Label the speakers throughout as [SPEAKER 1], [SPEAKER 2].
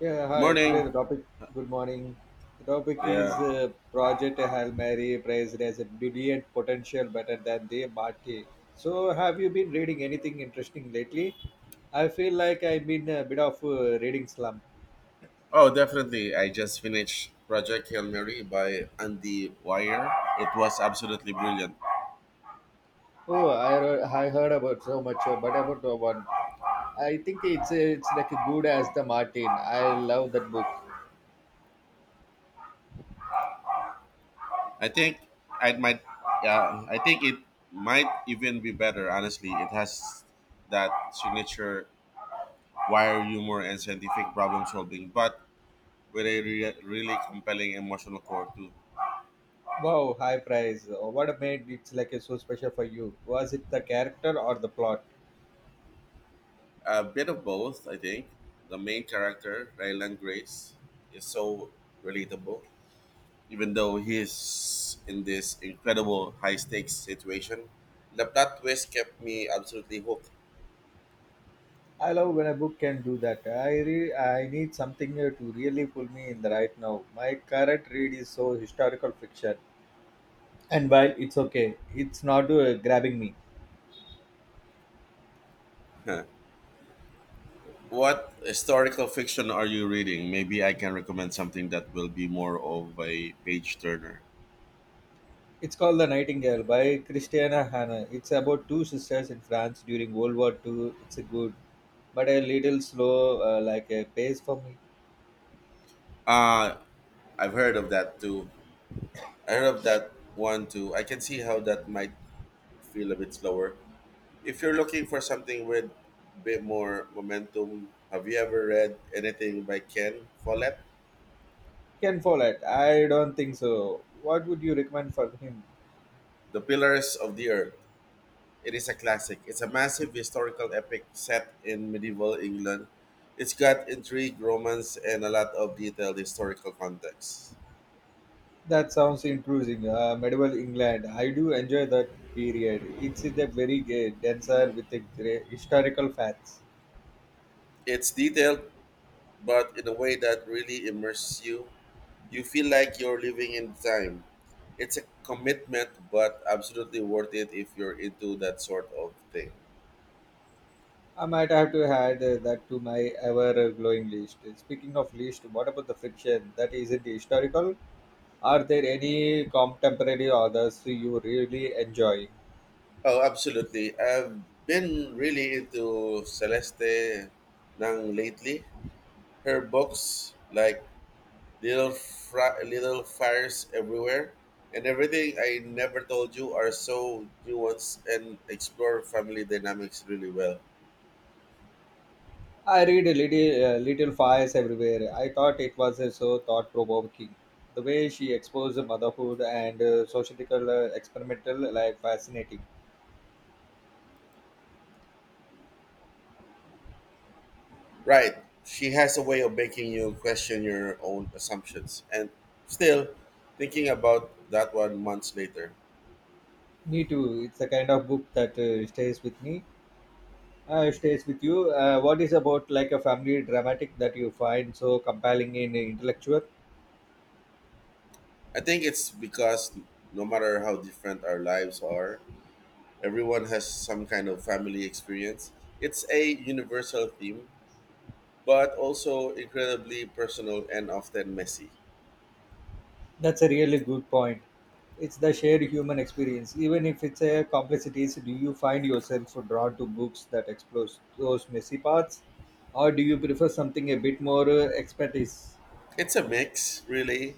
[SPEAKER 1] Yeah, hi. Today
[SPEAKER 2] Morning.
[SPEAKER 1] the topic. Good morning. The topic is
[SPEAKER 2] Yeah.
[SPEAKER 1] Project Hail Mary praised as a brilliant potential better than the Marty. So, have you been reading anything interesting lately? I feel like I've been a bit of reading slump.
[SPEAKER 2] Oh, definitely. I just finished Project Hail Mary by Andy Wire. It was absolutely brilliant.
[SPEAKER 1] Oh, I heard about so much, but about the one, I think it's like a good as the Martin. I love that book.
[SPEAKER 2] I think I might. Yeah, I think it might even be better. Honestly, it has that signature wire humor and scientific problem solving, but with a really compelling emotional core too.
[SPEAKER 1] Wow, high price. What made it like so special for you? Was it the character or the plot?
[SPEAKER 2] A bit of both, I think. The main character, Ryland Grace, is so relatable even though he's in this incredible high stakes situation. The plot twist kept me absolutely hooked.
[SPEAKER 1] I love when a book can do that. I need something here to really pull me in the right now. My current read is so historical fiction, and while it's okay, it's not grabbing me.
[SPEAKER 2] Huh. What historical fiction are you reading? Maybe I can recommend something that will be more of a page turner.
[SPEAKER 1] It's called The Nightingale by Christiana Hanna. It's about two sisters in France during World War Two. It's a good, but a little slow, like a pace for me.
[SPEAKER 2] Uh I've heard of that too. I heard of that one too. I can see how that might feel a bit slower. If you're looking for something with a bit more momentum, have you ever read anything by Ken Follett?
[SPEAKER 1] Can follow it. I don't think so. What would you recommend for him?
[SPEAKER 2] The Pillars of the Earth. It is a classic. It's a massive historical epic set in medieval England. It's got intrigue, romance, and a lot of detailed historical context.
[SPEAKER 1] That sounds intriguing. Medieval England. I do enjoy that period. It's a very gay denser with a great historical facts.
[SPEAKER 2] It's detailed, but in a way that really immerses you. You feel like you're living in time. It's a commitment, but absolutely worth it if you're into that sort of thing.
[SPEAKER 1] I might have to add that to my ever glowing list. Speaking of list, what about the fiction that isn't historical? Are there any contemporary authors you really enjoy?
[SPEAKER 2] Oh, absolutely. I've been really into Celeste Nang lately. Her books, like little fires everywhere, and everything I never told you are so nuanced and explore family dynamics really well.
[SPEAKER 1] I read a little, little fires everywhere. I thought it was so thought provoking. The way she exposed motherhood and sociological experimental life fascinating.
[SPEAKER 2] Right. She has a way of making you question your own assumptions. And still, thinking about that one months later,
[SPEAKER 1] Me too. It's the kind of book that stays with me, stays with you. What is about like a family dramatic that you find so compelling in a intellectual?
[SPEAKER 2] I think it's because no matter how different our lives are, everyone has some kind of family experience. It's a universal theme, but also incredibly personal and often messy.
[SPEAKER 1] That's a really good point. It's the shared human experience. Even if it's a complexities, do you find yourself drawn to books that explore those messy parts, or do you prefer something a bit more expertise?
[SPEAKER 2] It's a mix, really.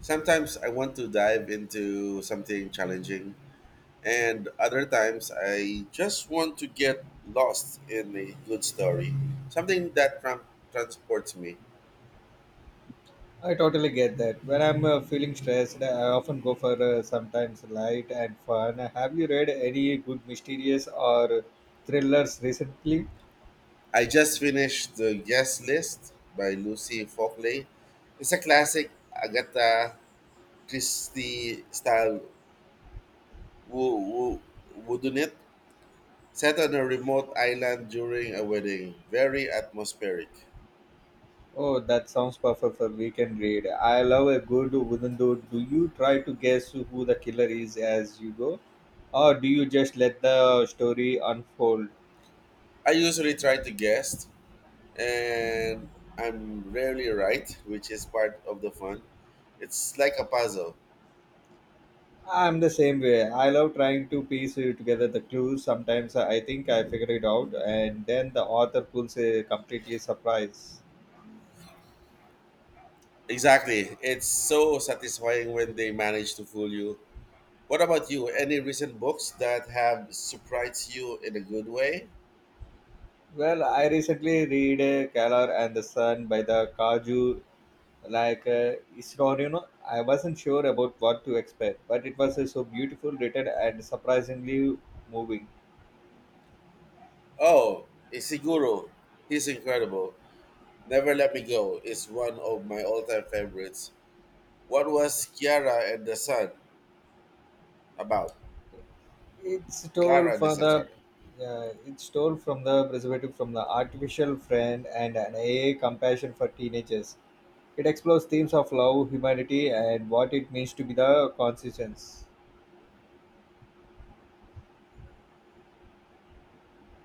[SPEAKER 2] Sometimes I want to dive into something challenging, and other times I just want to get lost in a good story, something that transports me.
[SPEAKER 1] I totally get that. When I'm feeling stressed, I often go for sometimes light and fun. Have you read any good mysterious or thrillers recently?
[SPEAKER 2] I just finished The Guest List by Lucy Fockley. It's a classic Agatha Christie style wo- wo- wooden it, set on a remote island during a wedding. Very atmospheric.
[SPEAKER 1] Oh, that sounds perfect for weekend read. I love a good wooden door. Do you try to guess who the killer is as you go? Or do you just let the story unfold?
[SPEAKER 2] I usually try to guess and I'm rarely right, which is part of the fun. It's like a puzzle.
[SPEAKER 1] I'm the same way. I love trying to piece together the clues. Sometimes I think I figure it out, and then the author pulls a completely surprise.
[SPEAKER 2] Exactly. It's so satisfying when they manage to fool you. What about you? Any recent books that have surprised you in a good way?
[SPEAKER 1] Well, I recently read Kalar and the Sun by the Kaju like Isnorino. I wasn't sure about what to expect, but it was so beautiful written and surprisingly moving.
[SPEAKER 2] Oh, Isiguro. He's incredible. Never Let Me Go is one of my all time favorites. What was Kiara and the Sun about?
[SPEAKER 1] It's told
[SPEAKER 2] Clara and the
[SPEAKER 1] for
[SPEAKER 2] Sun, sorry.
[SPEAKER 1] the it's told from the perspective from the artificial friend and an AA compassion for teenagers. It explores themes of love, humanity, and what it means to be the conscience.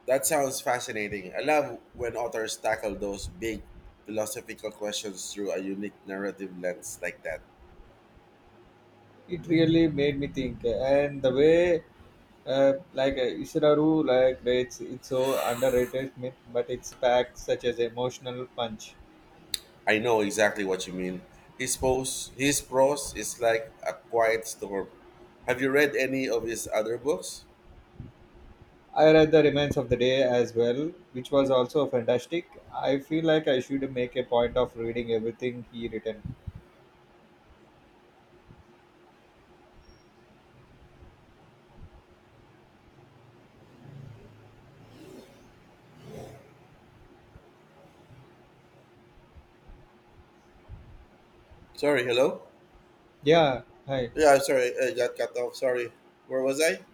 [SPEAKER 2] That sounds fascinating. I love when authors tackle those big philosophical questions through a unique narrative lens like that.
[SPEAKER 1] It really made me think, and the way uh, like Isararu, like rates it's so underrated myth, but it's packed such as emotional punch.
[SPEAKER 2] I know exactly what you mean. His prose is like a quiet storm. Have you read any of his other books?
[SPEAKER 1] I read The Remains of the Day as well, which was also fantastic. I feel like I should make a point of reading everything he written.
[SPEAKER 2] Sorry, hello?
[SPEAKER 1] Yeah, hi.
[SPEAKER 2] Yeah, I'm sorry. I got cut off. Sorry. Where was I?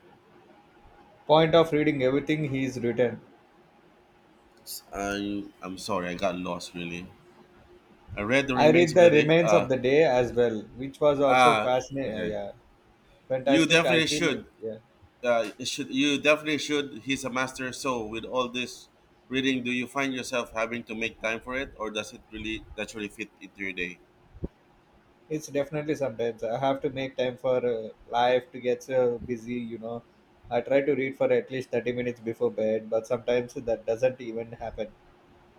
[SPEAKER 1] Point of reading everything he's written.
[SPEAKER 2] I'm sorry, I got lost really. I read the
[SPEAKER 1] I
[SPEAKER 2] remains
[SPEAKER 1] read
[SPEAKER 2] of
[SPEAKER 1] The
[SPEAKER 2] the day.
[SPEAKER 1] Remains of the Day as well, which was also
[SPEAKER 2] Ah
[SPEAKER 1] fascinating.
[SPEAKER 2] okay.
[SPEAKER 1] Yeah,
[SPEAKER 2] You
[SPEAKER 1] fantastic. I
[SPEAKER 2] definitely
[SPEAKER 1] feel like
[SPEAKER 2] should.
[SPEAKER 1] yeah.
[SPEAKER 2] It should you definitely should. He's a master. So with all this reading, do you find yourself having to make time for it, or does it really naturally fit into your day?
[SPEAKER 1] It's definitely sometimes I have to make time for life to get so busy, you know. I try to read for at least 30 minutes before bed, but sometimes that doesn't even happen.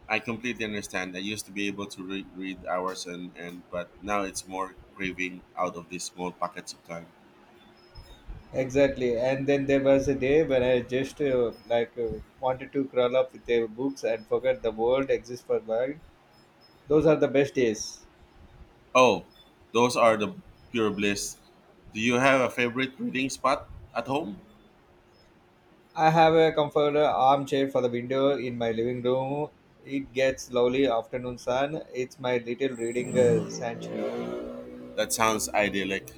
[SPEAKER 2] I completely understand. I used to be able to read hours and but now it's more craving out of these small pockets of time.
[SPEAKER 1] Exactly. And then there was a day when I just wanted to crawl up with the books and forget the world exists for mine. Those are the best days.
[SPEAKER 2] Oh, those are the pure bliss. Do you have a favorite reading spot at home?
[SPEAKER 1] I have a comfortable armchair for the window in my living room. It gets lovely afternoon sun. It's my little reading sanctuary.
[SPEAKER 2] That sounds idyllic.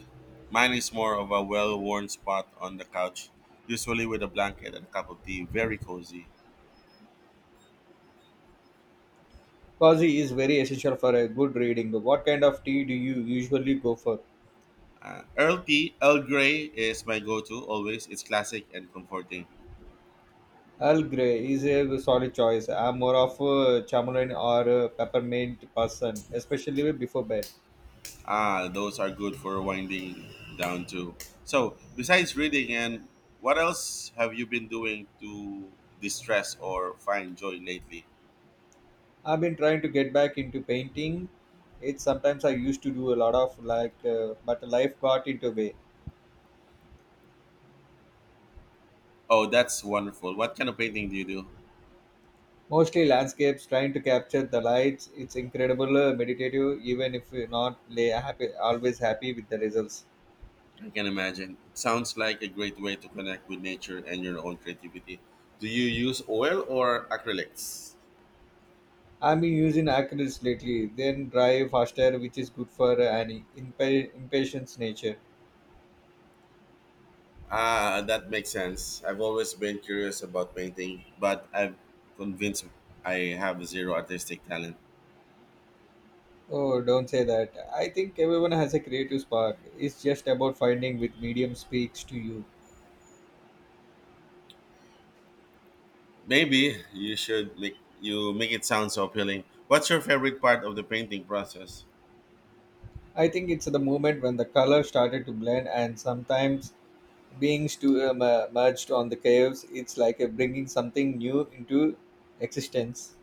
[SPEAKER 2] Mine is more of a well worn spot on the couch, usually with a blanket and a cup of tea. Very cozy.
[SPEAKER 1] Coffee is very essential for a good reading. What kind of tea do you usually go for?
[SPEAKER 2] Earl Grey is my go-to always. It's classic and comforting.
[SPEAKER 1] Earl Grey is a solid choice. I'm more of a chamomile or a peppermint person, especially before bed.
[SPEAKER 2] Ah, those are good for winding down too. So, besides reading, and what else have you been doing to distress or find joy lately?
[SPEAKER 1] I've been trying to get back into painting. It's sometimes I used to do a lot of like, but life got into way.
[SPEAKER 2] Oh, that's wonderful. What kind of painting do you do?
[SPEAKER 1] Mostly landscapes, trying to capture the lights. It's incredible, meditative, even if you're not la- happy, always happy with the results.
[SPEAKER 2] I can imagine. It sounds like a great way to connect with nature and your own creativity. Do you use oil or acrylics?
[SPEAKER 1] I've been using acrylics lately, then dry faster, which is good for an impatience nature.
[SPEAKER 2] Ah, that makes sense. I've always been curious about painting, but I'm convinced I have zero artistic talent.
[SPEAKER 1] Oh, don't say that. I think everyone has a creative spark. It's just about finding which medium speaks to you.
[SPEAKER 2] Maybe you should make you make it sound so appealing. What's your favorite part of the painting process?
[SPEAKER 1] I think it's the moment when the color started to blend and sometimes being merged on the caves, it's like a bringing something new into existence.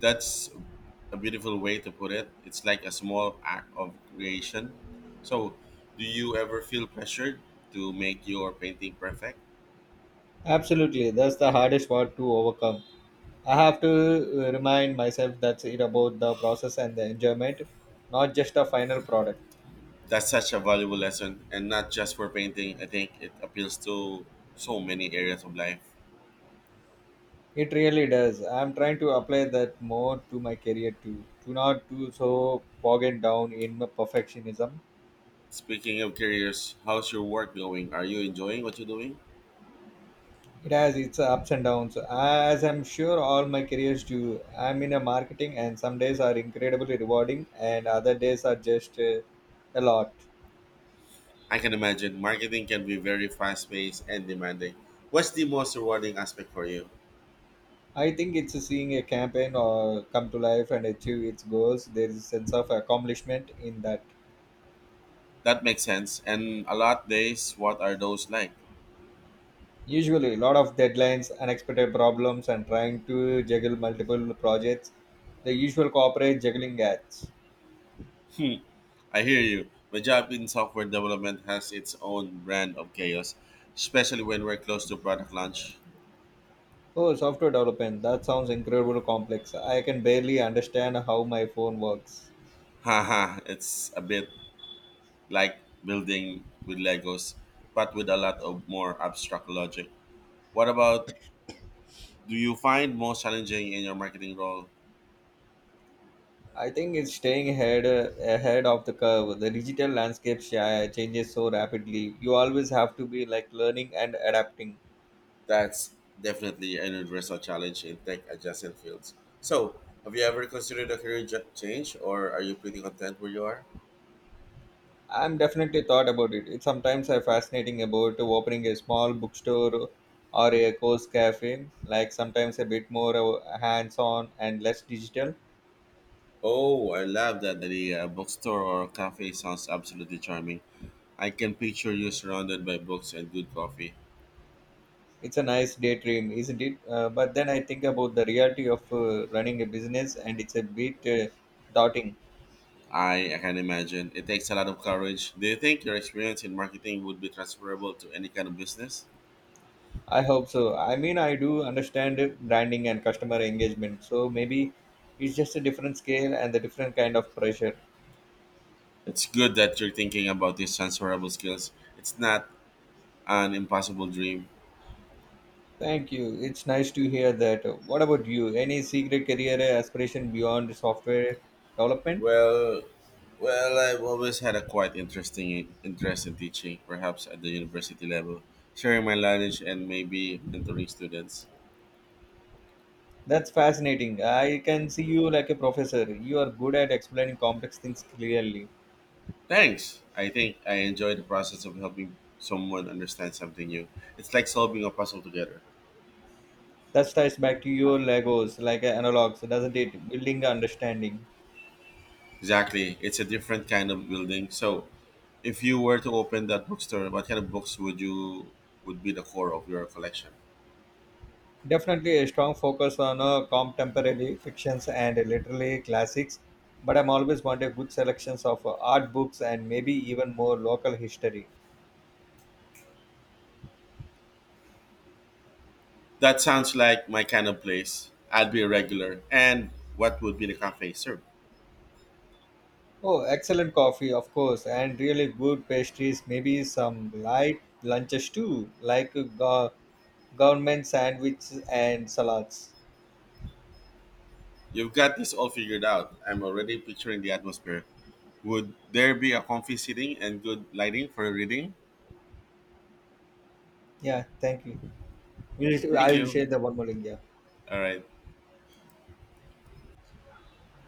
[SPEAKER 2] That's a beautiful way to put it. It's like a small act of creation. So, do you ever feel pressured to make your painting perfect?
[SPEAKER 1] Absolutely, that's the hardest part to overcome. I have to remind myself that's it about the process and the enjoyment, not just the final product.
[SPEAKER 2] That's such a valuable lesson, and not just for painting. I think it appeals to so many areas of life.
[SPEAKER 1] It really does. I'm trying to apply that more to my career too, to not too so bogged down in my perfectionism.
[SPEAKER 2] Speaking of careers, how's your work going? Are you enjoying what you're doing?
[SPEAKER 1] It has its ups and downs, as I'm sure all my careers do. I'm in a marketing, and some days are incredibly rewarding, and other days are just a lot.
[SPEAKER 2] I can imagine marketing can be very fast paced and demanding. What's the most rewarding aspect for you?
[SPEAKER 1] I think it's seeing a campaign or come to life and achieve its goals. There is a sense of accomplishment in that.
[SPEAKER 2] That makes sense. And a lot days, what are those like?
[SPEAKER 1] Usually, a lot of deadlines, unexpected problems, and trying to juggle multiple projects. The usual corporate juggling acts.
[SPEAKER 2] Hmm, I hear you. My job in software development has its own brand of chaos, especially when we're close to product launch.
[SPEAKER 1] Oh, software development. That sounds incredibly complex. I can barely understand how my phone works.
[SPEAKER 2] Haha, it's a bit like building with Legos, but with a lot of more abstract logic. What about do you find most challenging in your marketing role?
[SPEAKER 1] I think it's staying ahead, ahead of the curve. The digital landscape changes so rapidly. You always have to be like learning and adapting.
[SPEAKER 2] That's definitely an universal challenge in tech adjacent fields. So, have you ever considered a career change, or are you pretty content where you are?
[SPEAKER 1] I'm definitely thought about it. It's sometimes I fascinating about opening a small bookstore or a course cafe, like sometimes a bit more hands-on and less digital.
[SPEAKER 2] Oh, I love that. The bookstore or cafe sounds absolutely charming. I can picture you surrounded by books and good coffee.
[SPEAKER 1] It's a nice daydream, isn't it? But then I think about the reality of running a business, and it's a bit daunting.
[SPEAKER 2] I can imagine. It takes a lot of courage. Do you think your experience in marketing would be transferable to any kind of business?
[SPEAKER 1] I hope so. I mean, I do understand branding and customer engagement, so maybe it's just a different scale and the different kind of pressure.
[SPEAKER 2] It's good that you're thinking about these transferable skills. It's not an impossible dream.
[SPEAKER 1] Thank you. It's nice to hear that. What about you? Any secret career aspiration beyond software development?
[SPEAKER 2] Well, well, I've always had a quite interesting interest in teaching, perhaps at the university level, sharing my knowledge and maybe mentoring students.
[SPEAKER 1] That's fascinating. I can see you like a professor. You are good at explaining complex things clearly.
[SPEAKER 2] Thanks. I think I enjoy the process of helping someone understand something new. It's like solving a puzzle together.
[SPEAKER 1] That ties back to your Legos, like analogs, doesn't it? Building understanding.
[SPEAKER 2] Exactly. It's a different kind of building. So, if you were to open that bookstore, what kind of books would you would be the core of your collection?
[SPEAKER 1] Definitely a strong focus on contemporary fictions and literary classics, but I'm always wanted good selections of art books and maybe even more local history.
[SPEAKER 2] That sounds like my kind of place. I'd be a regular. And what would be the cafe serve?
[SPEAKER 1] Oh, excellent coffee, of course, and really good pastries. Maybe some light lunches too, like government sandwiches and salads.
[SPEAKER 2] You've got this all figured out. I'm already picturing the atmosphere. Would there be a comfy seating and good lighting for reading?
[SPEAKER 1] Yeah, thank you. We'll,
[SPEAKER 2] Thank
[SPEAKER 1] I will
[SPEAKER 2] you.
[SPEAKER 1] share the one more link. Yeah.
[SPEAKER 2] All right.